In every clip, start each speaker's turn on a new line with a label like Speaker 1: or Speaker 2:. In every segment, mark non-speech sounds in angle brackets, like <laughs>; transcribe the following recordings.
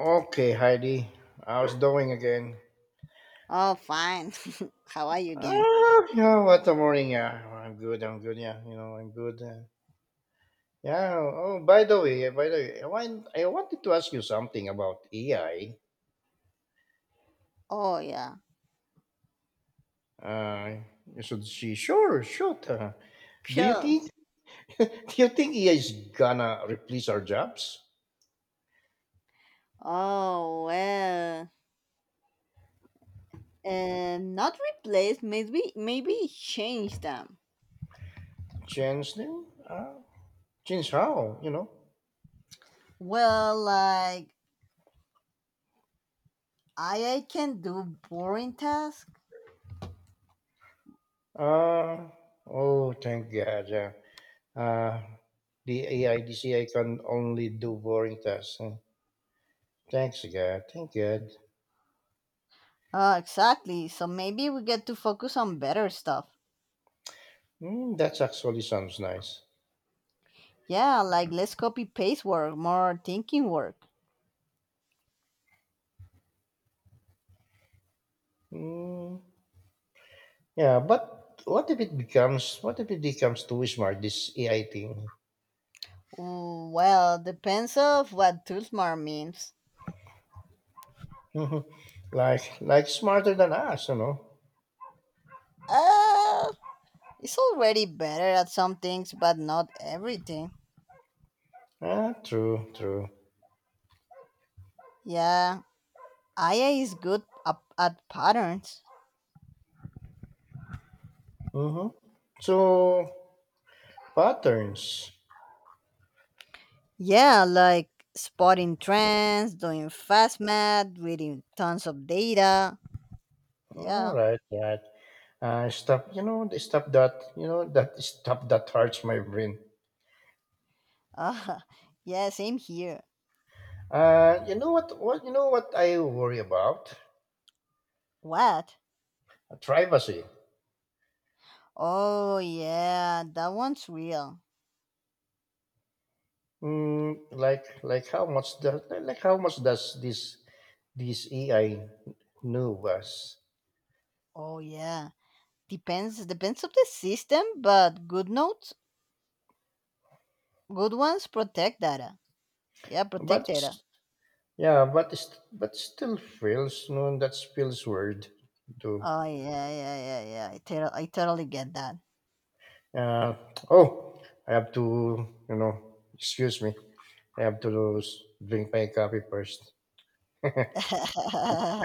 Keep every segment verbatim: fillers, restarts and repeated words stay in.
Speaker 1: Okay, Heidi. How's doing again?
Speaker 2: Oh, fine. <laughs> How are you again?
Speaker 1: Ah, you know what the morning? Yeah, I'm good. I'm good. Yeah, you know, I'm good. Uh, yeah. Oh, by the way, by the way, I want I wanted to ask you something about A I.
Speaker 2: Oh, yeah.
Speaker 1: Uh, should she? Sure, shoot. Uh, do you
Speaker 2: Sure.
Speaker 1: think? <laughs> Do you think A I is gonna replace our jobs?
Speaker 2: Oh, well. Uh, not replace, maybe, maybe change them.
Speaker 1: Change them? Uh, change how? You know?
Speaker 2: Well, like, I I can do boring tasks.
Speaker 1: Uh, oh, thank God. Yeah. Uh, the A I D C A can only do boring tasks. Hmm. Thanks, God. Thank God.
Speaker 2: Oh, exactly. So maybe we get to focus on better stuff.
Speaker 1: Mm, that actually sounds nice.
Speaker 2: Yeah, like less copy paste work, more thinking work.
Speaker 1: Hmm. Yeah, but what if it becomes, what if it becomes too smart, this A I thing?
Speaker 2: Mm, Well, depends of what Tulsmar means.
Speaker 1: <laughs> like, like smarter than us, you know?
Speaker 2: Uh, it's already better at some things, but not everything.
Speaker 1: Ah, true, true.
Speaker 2: Yeah, Aya is good up at patterns.
Speaker 1: Mm-hmm. So, patterns.
Speaker 2: Yeah, like spotting trends, doing fast math, reading tons of data.
Speaker 1: All
Speaker 2: Yeah.
Speaker 1: right, right. Uh, stop, you know, stop that, you know, that stop that hurts my brain.
Speaker 2: Uh, <laughs> yeah, same here.
Speaker 1: Uh, you know what? What you know what I worry about?
Speaker 2: What?
Speaker 1: Uh, Privacy.
Speaker 2: Oh yeah, that one's real.
Speaker 1: Mm, like like how much does like how much does this this A I know us?
Speaker 2: Oh yeah. Depends depends of the system, but good notes, good ones protect data. Yeah,
Speaker 1: But
Speaker 2: protect data.
Speaker 1: s- yeah, but it's- but still feels no, that feels weird. To
Speaker 2: Oh yeah, yeah, yeah, yeah. I, tot- I totally get that.
Speaker 1: uh, oh, I have to you know excuse me. I have to s- drink my coffee first.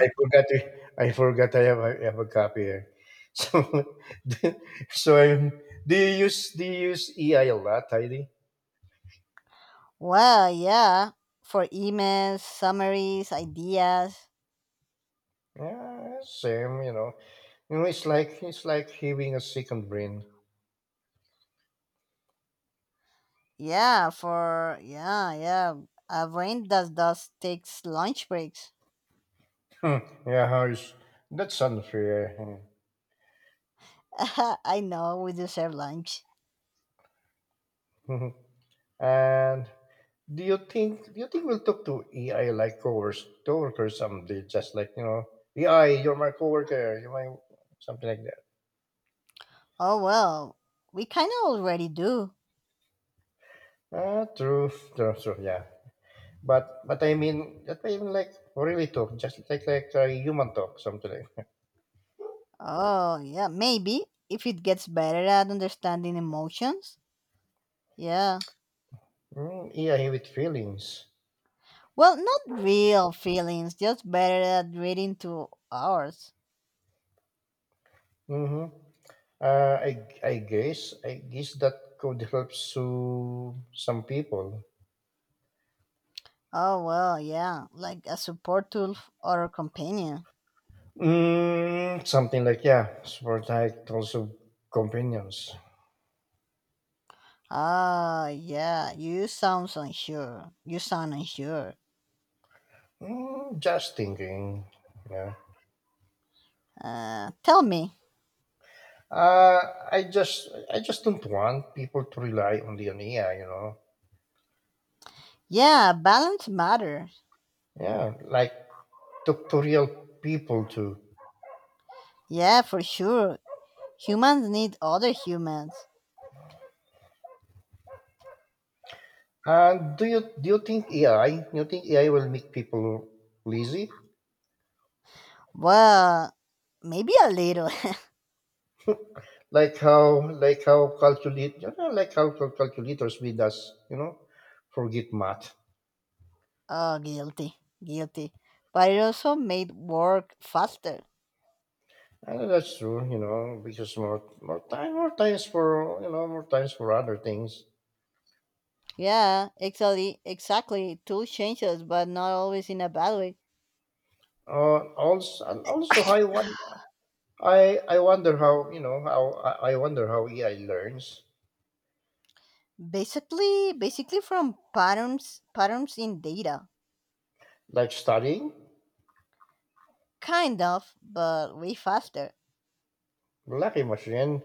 Speaker 1: I forgot to, I forgot I have a, I have a copy here. <laughs> So, <laughs> so I'm, do you use do you use E I a lot, Heidi?
Speaker 2: Well, yeah, for emails, summaries, ideas.
Speaker 1: Yeah, same. You know, you know, it's like it's like having a second brain.
Speaker 2: Yeah, for yeah, yeah. Our brain does does takes lunch breaks.
Speaker 1: Hmm, yeah, it's, that's unfair.
Speaker 2: <laughs> I know we deserve lunch.
Speaker 1: Hmm. <laughs> And do you think do you think we'll talk to E I like coworkers coworkers someday? Just like you know, E I, you're my coworker. You're my something like that.
Speaker 2: Oh well, we kind of already do.
Speaker 1: Ah, true, true, true. Yeah, but but I mean that way even like really talk, just like like a human talk, something like
Speaker 2: Oh yeah, maybe if it gets better at understanding emotions. Yeah.
Speaker 1: <laughs> mm, yeah, with feelings.
Speaker 2: Well, not real feelings, just better at reading to ours.
Speaker 1: Mm-hmm. Uh, I I guess I guess that could help to some people.
Speaker 2: Oh well, yeah, like a support tool f- or a companion.
Speaker 1: Mm, something like yeah, for like also companions.
Speaker 2: Ah, yeah, you sound unsure. You sound unsure.
Speaker 1: Mm, just thinking, yeah.
Speaker 2: Uh, tell me.
Speaker 1: Uh, I just I just don't want people to rely only on A I, you know.
Speaker 2: Yeah, balance matters.
Speaker 1: Yeah, like talk to real people too.
Speaker 2: Yeah, for sure. Humans need other humans.
Speaker 1: Uh, do you do you think A I? Do you think A I will make people lazy?
Speaker 2: Well, maybe a little.
Speaker 1: Like how like how calculate you know, like how cal- calculators made us you know forget math.
Speaker 2: <laughs> oh, guilty. Guilty. But it also made work faster.
Speaker 1: And that's true, you know, because more more time more times for you know more times for other things.
Speaker 2: Yeah, exactly. Exactly. Tools change us, but not always in a bad way.
Speaker 1: Uh, also and also I wonder I I wonder how you know how I I wonder how A I learns
Speaker 2: Basically, basically from patterns, patterns in data.
Speaker 1: like studying.
Speaker 2: Kind of, but way faster.
Speaker 1: Lucky machine.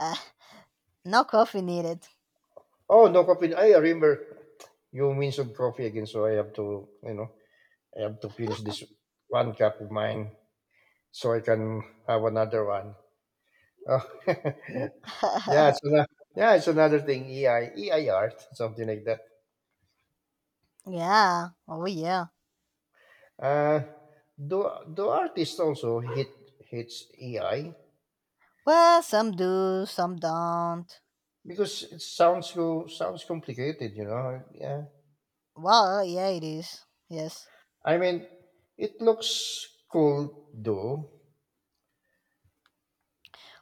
Speaker 2: Uh, No coffee needed.
Speaker 1: Oh, no coffee. I remember you mentioned coffee again, so I have to, you know, I have to finish this one cup of mine so I can have another one. Oh, <laughs> yeah, it's
Speaker 2: <laughs>
Speaker 1: another, yeah, it's another thing. EI, E I art, something like that.
Speaker 2: yeah. Oh, yeah.
Speaker 1: Uh, do do artists also hit hits E I
Speaker 2: Well, some do, some don't.
Speaker 1: because it sounds co- sounds complicated, you know? Yeah,
Speaker 2: Well, yeah, it is. Yes.
Speaker 1: I mean, it looks cool though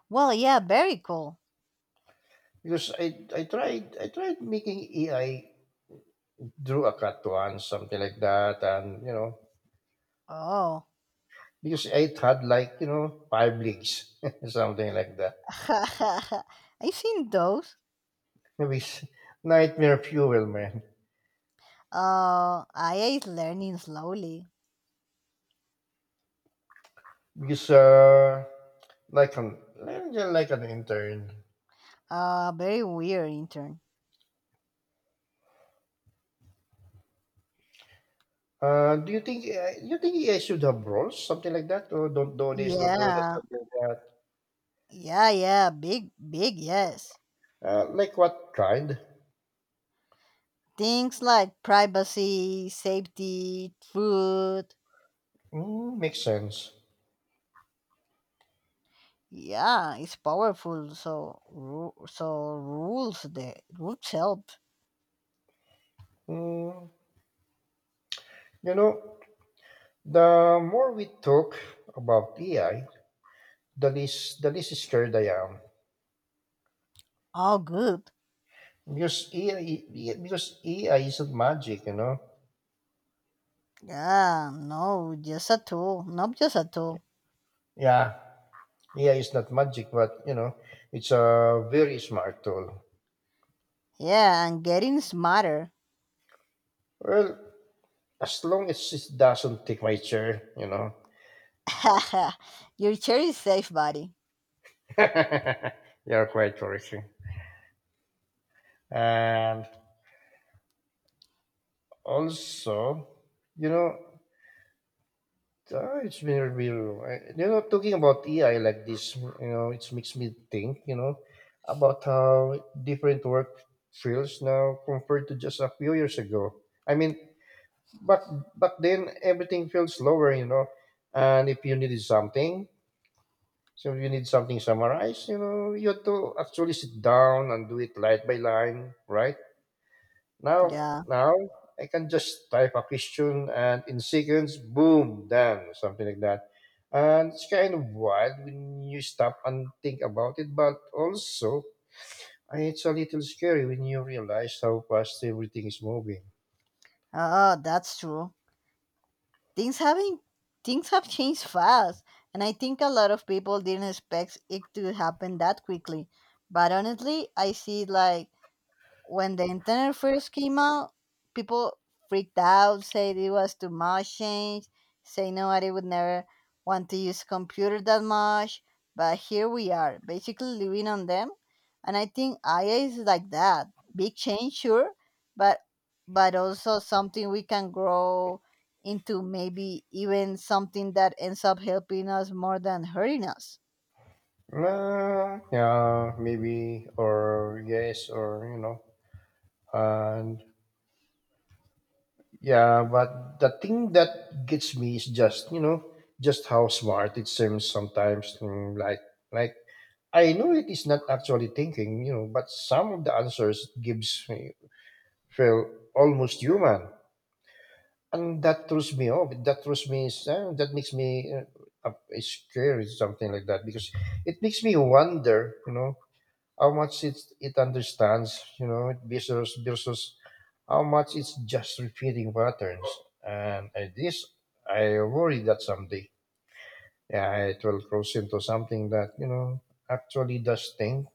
Speaker 2: Well, yeah, very cool.
Speaker 1: because I I tried I tried making E I drew a cut once, something like that, and you know,
Speaker 2: Oh.
Speaker 1: because it had like you know five leagues, <laughs> something like that.
Speaker 2: <laughs> I've seen those.
Speaker 1: It was nightmare fuel, man.
Speaker 2: Uh, I A is learning slowly.
Speaker 1: Because uh, like an like like an intern.
Speaker 2: Uh, very weird intern.
Speaker 1: Uh, do you think uh, you think I should have roles, something like that, or don't do this, don't do that,
Speaker 2: Yeah.
Speaker 1: something like that?
Speaker 2: Yeah, yeah. Big, big, yes.
Speaker 1: Uh, like what kind?
Speaker 2: Things like privacy, safety, food,
Speaker 1: Mm, makes sense.
Speaker 2: yeah, it's powerful, so ru- so rules the rules help.
Speaker 1: Mm, you know, the more we talk about A I, the less the less scared I am.
Speaker 2: All good.
Speaker 1: Because A I, because A I isn't magic, you know.
Speaker 2: Yeah, no, just a tool, not just a tool.
Speaker 1: Yeah, A I is not magic, but you know, it's a very smart tool.
Speaker 2: Yeah, and getting smarter.
Speaker 1: Well, as long as it doesn't take my chair, you know.
Speaker 2: <laughs> Your chair is safe, buddy.
Speaker 1: <laughs> You're quite correct. And also, you know, uh, it's been real. uh, You know, talking about A I like this, you know, it makes me think, you know, about how different work feels now compared to just a few years ago. I mean, but but then everything feels slower, you know. And if you needed something, so if you need something summarized, you know, you have to actually sit down and do it line by line, right? Now,
Speaker 2: Yeah.
Speaker 1: Now I can just type a question and in seconds, boom, done, something like that. And it's kind of wild when you stop and think about it, but also uh, it's a little scary when you realize how fast everything is moving.
Speaker 2: Oh, that's true. things having things have changed fast, and I think a lot of people didn't expect it to happen that quickly, but honestly I see it like when the internet first came out, people freaked out, said it was too much change, say nobody would never want to use computer that much. But here we are, basically living on them. And I think I A is like that. Big change, sure, but but also something we can grow into, maybe even something that ends up helping us more than hurting us.
Speaker 1: Uh, yeah, maybe, or yes, or you know, and yeah, but the thing that gets me is just you know, just how smart it seems sometimes. mm, Like, like I know it is not actually thinking, you know, but some of the answers it gives me feel almost human, and that throws me off. That throws me. Uh, that makes me uh, uh, scared, something like that, because it makes me wonder, you know how much it it understands, you know, versus versus how much it's just repeating patterns. And I, this, I worry that someday, yeah, it will cross into something that you know actually does think.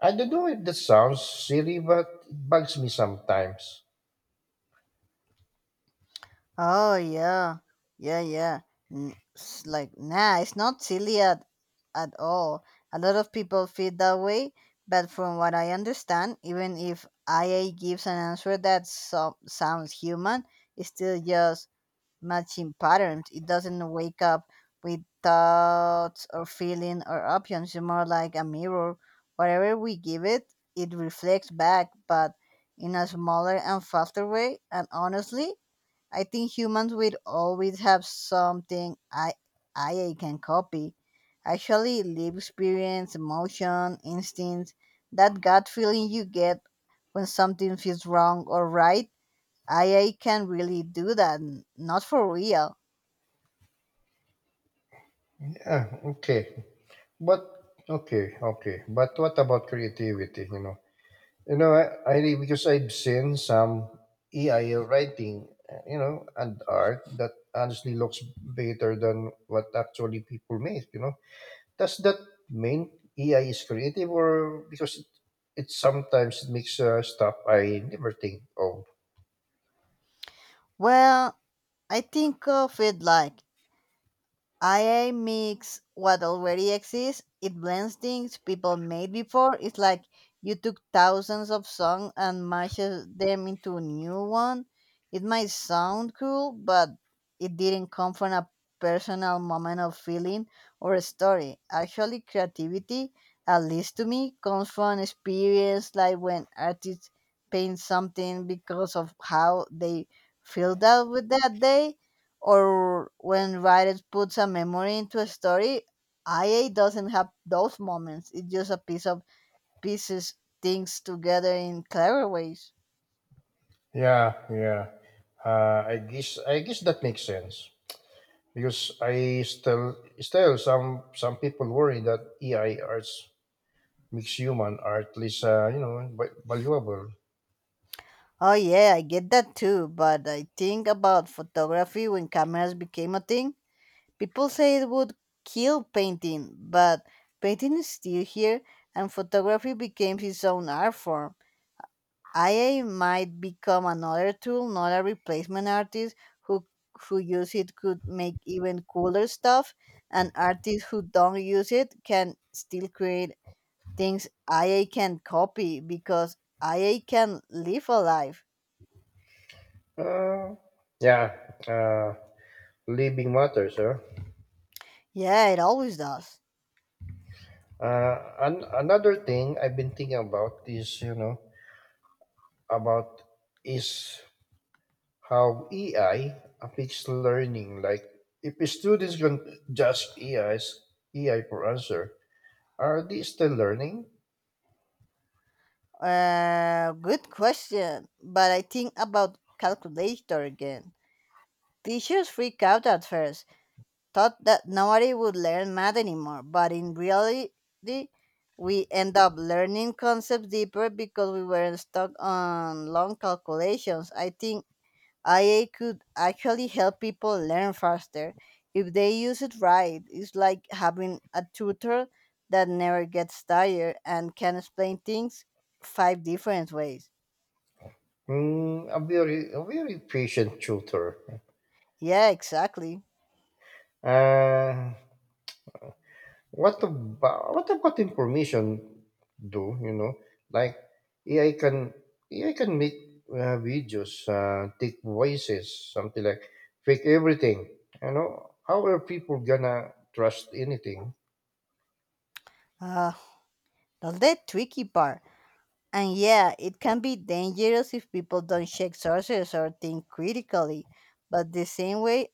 Speaker 1: I don't know if that sounds silly, but it bugs me sometimes.
Speaker 2: Oh yeah, yeah, yeah. N- s- like nah, it's not silly at at all. A lot of people feel that way, but from what I understand, even if I A gives an answer that so- sounds human, it's still just matching patterns. It doesn't wake up with thoughts or feeling or options. It's more like a mirror. Whatever we give it, it reflects back, but in a smaller and faster way. And honestly, I think humans will always have something I I can copy. Actually, live experience, emotion, instinct, that gut feeling you get when something feels wrong or right, A I can really do that, n- not for real.
Speaker 1: Yeah, okay, but okay, okay, but what about creativity? You know, You know, I, I really- because I've seen some A I writing, uh, you know, and art that honestly looks better than what actually people make. You know, does that mean A I is creative, or because it, it sometimes it makes uh, stuff I never think of?
Speaker 2: Well, I think of it like A I makes what already exists. It blends things people made before. It's like you took thousands of songs and mashes them into a new one. It might sound cool, but it didn't come from a personal moment of feeling or a story. Actually, creativity, at least to me, comes from experience, like when artists paint something because of how they filled out with that day, or when writers put some memory into a story. I A doesn't have those moments. It's just a piece of pieces things together in clever ways.
Speaker 1: Yeah, yeah. Uh, I guess I guess that makes sense because I still still some some people worry that A I arts makes human art less uh, you know va- valuable.
Speaker 2: Oh yeah, I get that too, but I think about photography when cameras became a thing. People say it would kill painting, but painting is still here and photography became its own art form. A I might become another tool, not a replacement artist who who use it could make even cooler stuff. And artists who don't use it can still create things A I can copy because A I can live a life.
Speaker 1: Uh, yeah, uh, living matters, huh?
Speaker 2: Yeah, it always does.
Speaker 1: Uh, and another thing I've been thinking about is, you know, about is how A I affects learning. Like, if students can just A I's A I for answer, are they still learning?
Speaker 2: Uh, good question. But I think about calculator again. Teachers freak out at first, thought that nobody would learn math anymore, but in reality, we end up learning concepts deeper because we were stuck on long calculations. I think I A could actually help people learn faster if they use it right. It's like having a tutor that never gets tired and can explain things five different ways.
Speaker 1: Mm, a very, a very patient tutor.
Speaker 2: Yeah, exactly.
Speaker 1: Uh, What about what about information do you know? Like A I can A I can make uh, videos, uh, take voices, something like fake everything. You know, how are people gonna trust anything?
Speaker 2: Uh, that's the tricky part. And yeah, it can be dangerous if people don't check sources or think critically. But the same way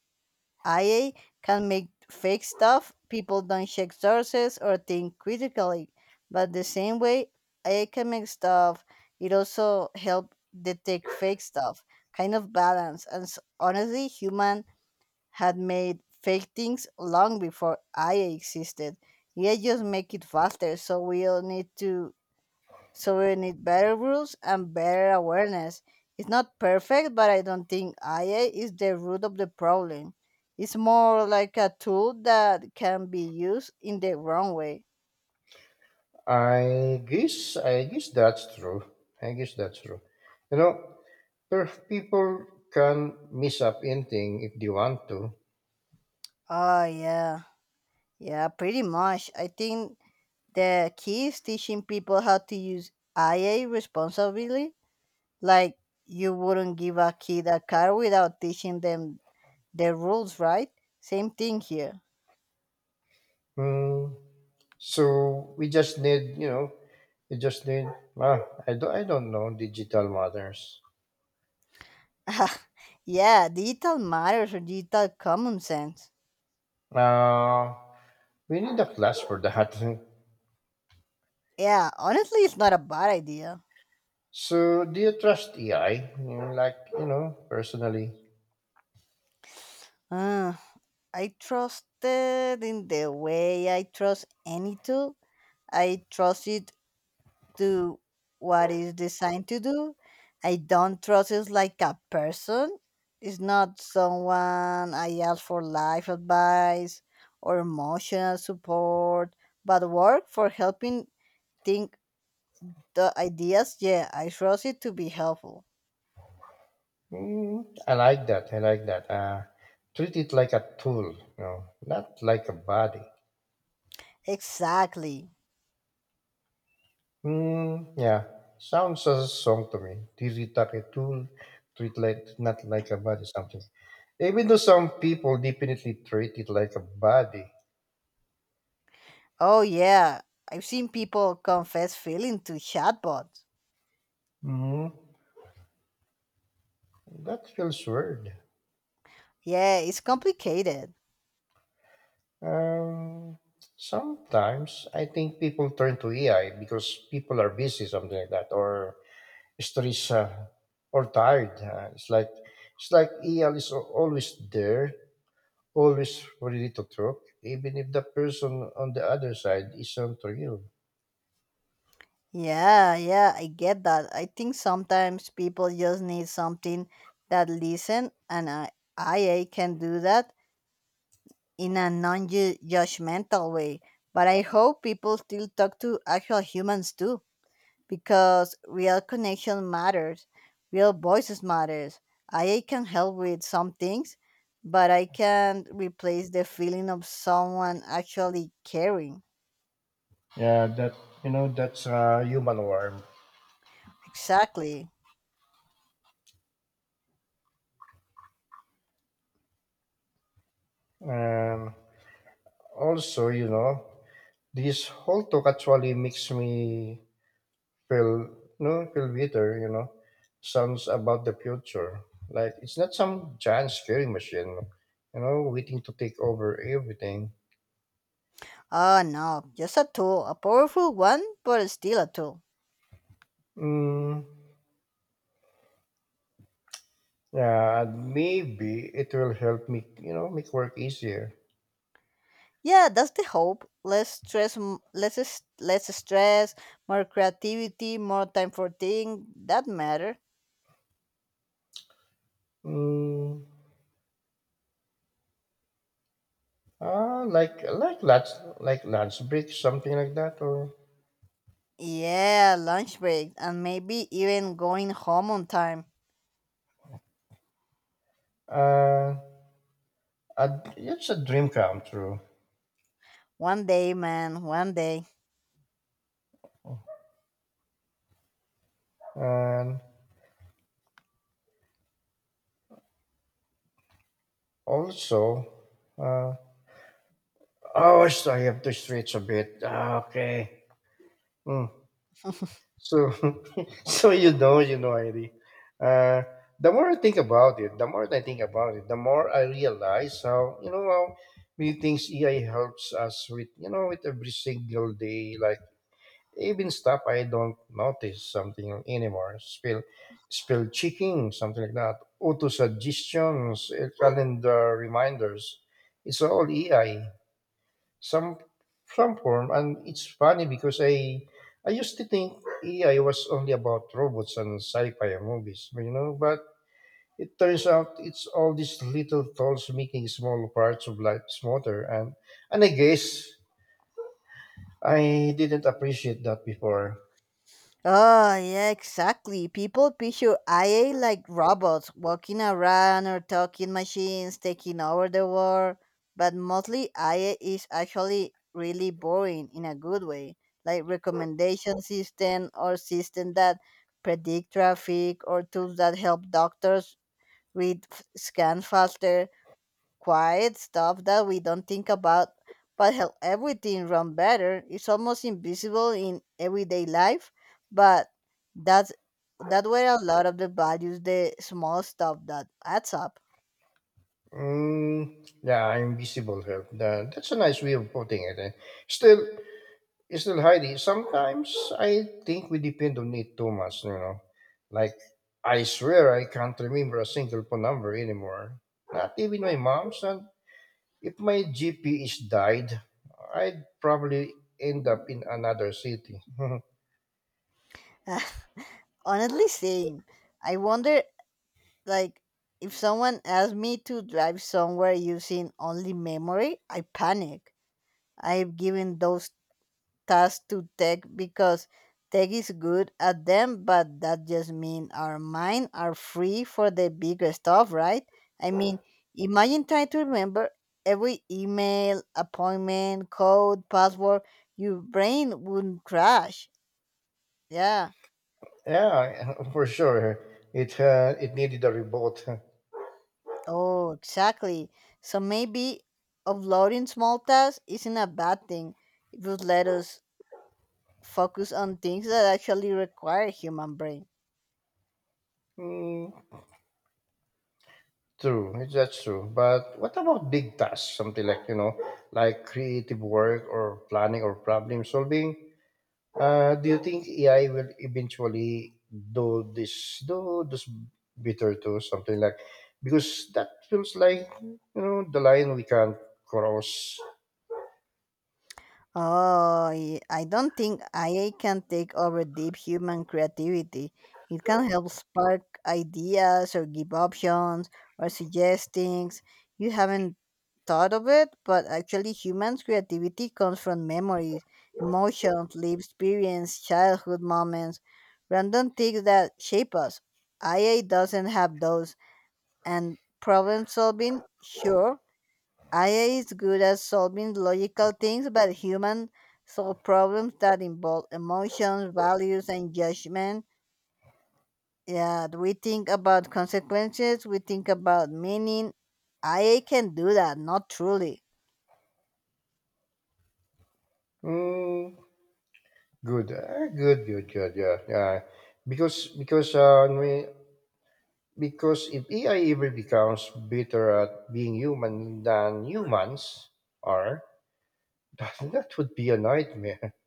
Speaker 2: I A can make fake stuff, people don't check sources or think critically. But the same way I A can make stuff, it also help detect fake stuff. Kind of balance. And s- honestly, human had made fake things long before I A existed. Yeah, just make it faster. So we all need to so we need better rules and better awareness. It's not perfect, but I don't think I A is the root of the problem. It's more like a tool that can be used in the wrong way.
Speaker 1: I guess I guess that's true. I guess that's true. You know, per- people can mess up anything if they want to.
Speaker 2: Oh, yeah. Yeah, pretty much. I think the key is teaching people how to use I A responsibly. Like, you wouldn't give a kid a car without teaching them the rules, right? Same thing here.
Speaker 1: Hmm. So we just need, you know, we just need. Well, I don't, I don't know digital matters.
Speaker 2: <laughs> yeah, digital matters or digital common sense.
Speaker 1: Uh, we need a class for that. <laughs>
Speaker 2: Yeah, honestly, it's not a bad idea.
Speaker 1: So do you trust A I? Mm, Like you know, personally,
Speaker 2: Uh, I trusted in the way I trust any tool. I trust it to what it's designed to do. I don't trust it like a person. It's not someone I ask for life advice or emotional support, but work for helping think the ideas. Yeah, I trust it to be helpful.
Speaker 1: mm, I like that. I like that. Uh, treat it like a tool, you know, not like a body.
Speaker 2: Exactly.
Speaker 1: Mm, yeah, sounds as a song to me. Tiki Taki Tool, treat like not like a body something. Even though some people definitely treat it like a body.
Speaker 2: Oh, yeah. I've seen people confess feeling to chatbots.
Speaker 1: Hmm That feels weird.
Speaker 2: Yeah, it's complicated.
Speaker 1: Um, Sometimes I think people turn to A I because people are busy, something like that, or stressed uh, or tired. Uh, it's like it's like A I is al- always there. Always ready to talk, even if the person on the other side isn't real.
Speaker 2: Yeah, yeah, I get that. I think sometimes people just need something that listen, and I, IA can do that in a non judgmental way. But I hope people still talk to actual humans too, because real connection matters, real voices matters. I can help with some things, but I can't replace the feeling of someone actually caring.
Speaker 1: Yeah, that you know that's a human warmth.
Speaker 2: Exactly.
Speaker 1: And also, you know, this whole talk actually makes me feel no feel bitter. You know, sounds about the future. Like it's not some giant scary machine, you know, waiting to take over everything.
Speaker 2: Oh no, just a tool, a powerful one, but still a tool.
Speaker 1: Mm, yeah, maybe it will help me, you know, make work easier.
Speaker 2: Yeah, that's the hope. Less stress, m- less s- less stress, more creativity, more time for things that matter.
Speaker 1: Mm, Uh, like like lunch like lunch break something like that or
Speaker 2: Yeah, lunch break, and maybe even going home on time.
Speaker 1: uh a, it's a dream come true.
Speaker 2: One day, man, one day.
Speaker 1: And also uh oh, so I have to stretch a bit. Ah, okay. Hmm. So <laughs> so you know you know, Heidi, uh the more I think about it the more I think about it the more I realize how you know how many things A I helps us with you know with every single day. like Even stuff I don't notice something anymore. Spell spell checking, something like that. Auto suggestions, eh, calendar reminders. It's all A I. Some some form. And it's funny because I I used to think A I was only about robots and sci-fi movies, you know, but it turns out it's all these little tools making small parts of life smoother. And and I guess I didn't appreciate that before.
Speaker 2: Oh, yeah, exactly. People picture I A like robots walking around or talking machines taking over the world. But mostly I A is actually really boring in a good way, like recommendation system or system that predict traffic or tools that help doctors read f- scans faster. Quiet stuff that we don't think about but help everything run better. It's almost invisible in everyday life, but that's that where a lot of the values, the small stuff that adds up.
Speaker 1: Mm, yeah, invisible help. That, that's a nice way of putting it. eh. Still, still, Heidi, sometimes I think we depend on it too much, you know. Like, I swear I can't remember a single phone number anymore. Not even my mom's. And if my G P is died, I'd probably end up in another city. <laughs>
Speaker 2: <laughs> Honestly, same. I wonder, like, if someone asked me to drive somewhere using only memory, I panic. I've given those tasks to tech because tech is good at them, but that just means our mind are free for the bigger stuff, right? I mean, imagine trying to remember every email, appointment, code, password. Your brain wouldn't crash. Yeah.
Speaker 1: Yeah, <laughs> for sure. It, uh, it needed a reboot. <laughs>
Speaker 2: Oh, exactly. So maybe offloading small tasks isn't a bad thing. It would let us focus on things that actually require human brain.
Speaker 1: Hmm, True, it's- that's true. But what about big tasks? Something like, you know, like creative work or planning or problem solving? Uh, do you think A I will eventually do this, do this better too? Something like, because that feels like, you know, the line we can't cross.
Speaker 2: Oh, y- I don't think A I can take over deep human creativity. It can help spark ideas or give options or suggest things you haven't thought of it, but actually, humans' creativity comes from memories, emotions, lived experience, childhood moments, random things that shape us. A I doesn't have those, and problem solving, sure, A I is good at solving logical things, but humans solve problems that involve emotions, values, and judgment. Yeah, we think about consequences, we think about meaning. A I can do that, not truly.
Speaker 1: Mm, good, uh, good, good, good. Yeah, yeah. Because, because, uh, we, Because if A I ever becomes better at being human than humans are, <laughs> that, that would be a nightmare. <laughs>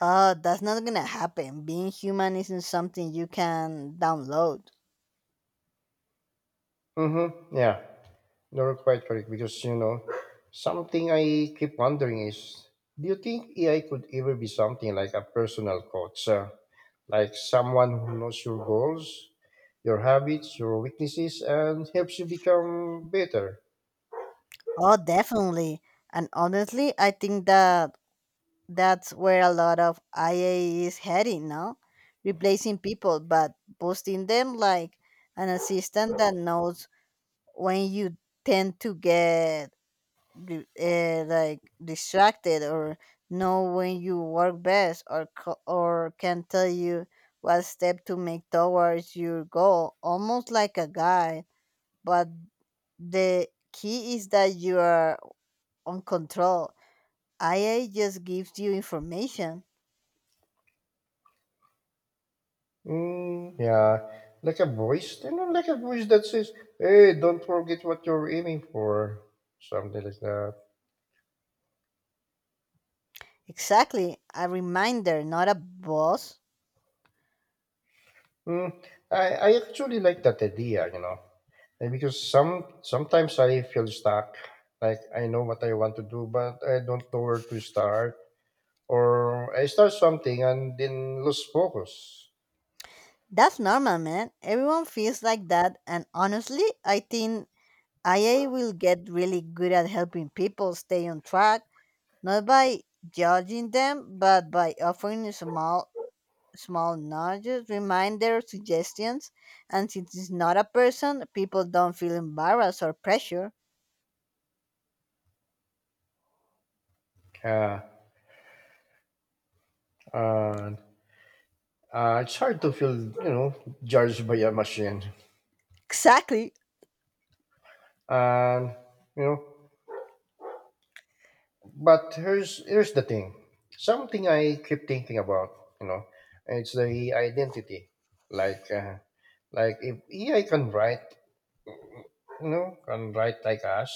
Speaker 2: Oh, that's not gonna happen. Being human isn't something you can download.
Speaker 1: Mm-hmm. Yeah, you're quite correct. Because, you know, something I keep wondering is do you think A I could ever be something like a personal coach? Uh, like someone who knows your goals, your habits, your weaknesses, and helps you become better?
Speaker 2: Oh, definitely. And honestly, I think that That's where a lot of I A is heading now, replacing people but boosting them like an assistant that knows when you tend to get di- uh, like distracted, or know when you work best, or co- or can tell you what step to make towards your goal, almost like a guide. But the key is that you are on control. I A just gives you information.
Speaker 1: Mm, yeah, like a voice, you know, like a voice that says, "Hey, don't forget what you're aiming for," something like that.
Speaker 2: Exactly. A reminder, not a boss.
Speaker 1: Mm, I I actually like that idea, you know, and because some sometimes I feel stuck, like I know what I want to do, but I don't know where to start, or I start something and then lose focus.
Speaker 2: That's normal, man. Everyone feels like that. And honestly, I think I A will get really good at helping people stay on track, not by judging them, but by offering small, small nudges, reminders, suggestions. And since it's not a person, people don't feel embarrassed or pressure.
Speaker 1: Yeah, and uh, it's hard to feel, you know, judged by a machine,
Speaker 2: Exactly.
Speaker 1: and you know. But here's here's the thing. Something I keep thinking about, you know, it's the identity. Like uh, like if A I can write, you know, can write like us,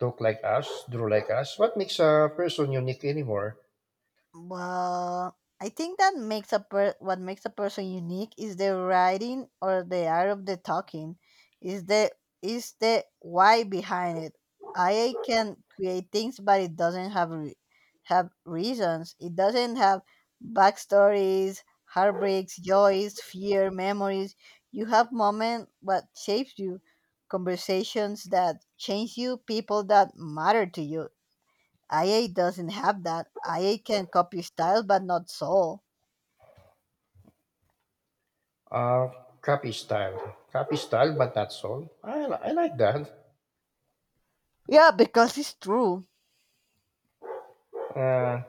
Speaker 1: talk like us, draw like us, what makes a person unique anymore?
Speaker 2: Well, I think that makes a per- what makes a person unique is the writing or the art of the talking, is the is the why behind it. I can create things, but it doesn't have re- have reasons. It doesn't have backstories, heartbreaks, joys, fear, memories. You have moments what shapes you, conversations that change you, people that matter to you. I A doesn't have that. I A can copy style, but not soul.
Speaker 1: Uh Copy style. Copy style but not soul. I, li- I like that.
Speaker 2: Yeah, because it's true.
Speaker 1: Uh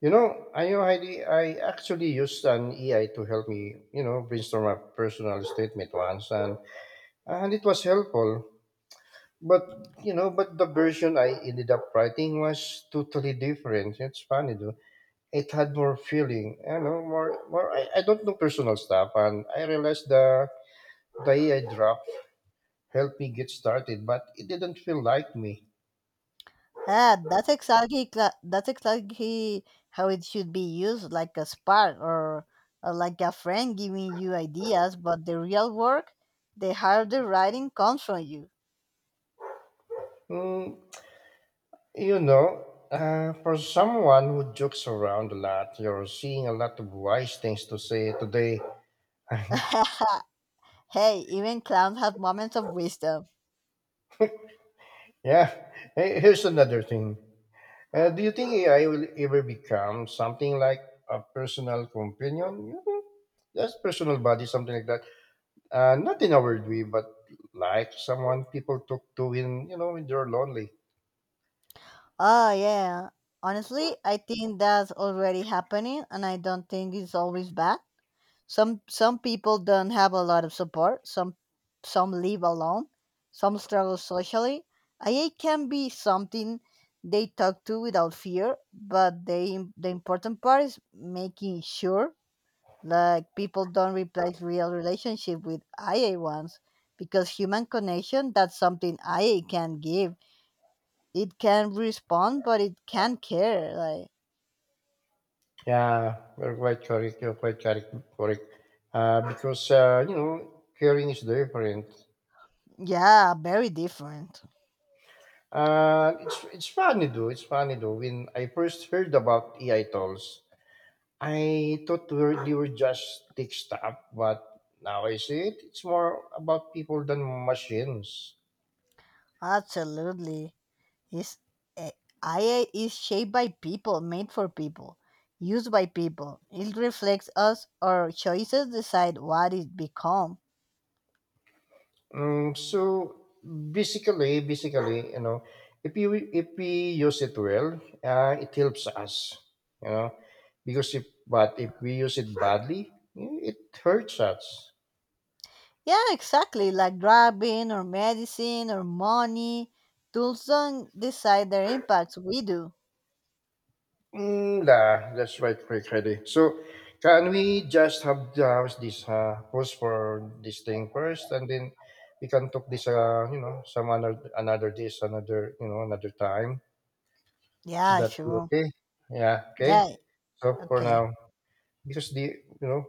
Speaker 1: you know, I know Heidi, I actually used an A I to help me, you know, brainstorm a personal statement once, and and it was helpful. But you know, but the version I ended up writing was totally different. It's funny though. It had more feeling, you know, more more I, I don't know personal stuff. And I realized the the A I draft helped me get started, but it didn't feel like me.
Speaker 2: Ah, that's exactly cla- that's exactly how it should be used, like a spark, or, or like a friend giving you ideas. But the real work, the harder writing comes from you.
Speaker 1: Mm, you know, uh, for someone who jokes around a lot, you're seeing a lot of wise things to say today.
Speaker 2: <laughs> hey, even clowns have moments of wisdom.
Speaker 1: Yeah. <laughs> Hey, here's another thing. Uh, do you think A I will ever become something like a personal companion? You know, just personal buddy, something like that. Uh, not in a weird way, but like someone people talk to when you know when they're lonely.
Speaker 2: Oh yeah. Honestly, I think that's already happening, and I don't think it's always bad. some some people don't have a lot of support, some some live alone, some struggle socially. I A can be something they talk to without fear, but they the important part is making sure, like, people don't replace real relationship with I A ones, because human connection, that's something I A can give. It can respond but it can care, like,
Speaker 1: Yeah, you're quite correct. You're quite correct. Correct. Uh, because uh, you know, caring is different.
Speaker 2: yeah, very different.
Speaker 1: Uh, it's it's funny though. It's funny though. When I first heard about A I tools, I thought we were, they were just tech stuff, but now I see it. It's more about people than machines.
Speaker 2: Absolutely. Is eh, A I is shaped by people, made for people, used by people. It reflects us. Our choices decide what it become.
Speaker 1: Mm, so basically, basically, you know, if you if we use it well, uh, it helps us, you know, because if but if we use it badly, it hurts us.
Speaker 2: Yeah, exactly. Like driving or medicine or money. Tools don't decide their impacts. We do.
Speaker 1: Mm, nah, that's right, Rick Freddy. So, can we just have uh, this uh, pause for this thing first, and then we can talk this, uh, you know, some another, another this, another, you know, another time. So
Speaker 2: Yeah,
Speaker 1: that
Speaker 2: sure.
Speaker 1: okay? Yeah, okay.
Speaker 2: Yeah.
Speaker 1: So for
Speaker 2: Okay.
Speaker 1: now, because the, you know,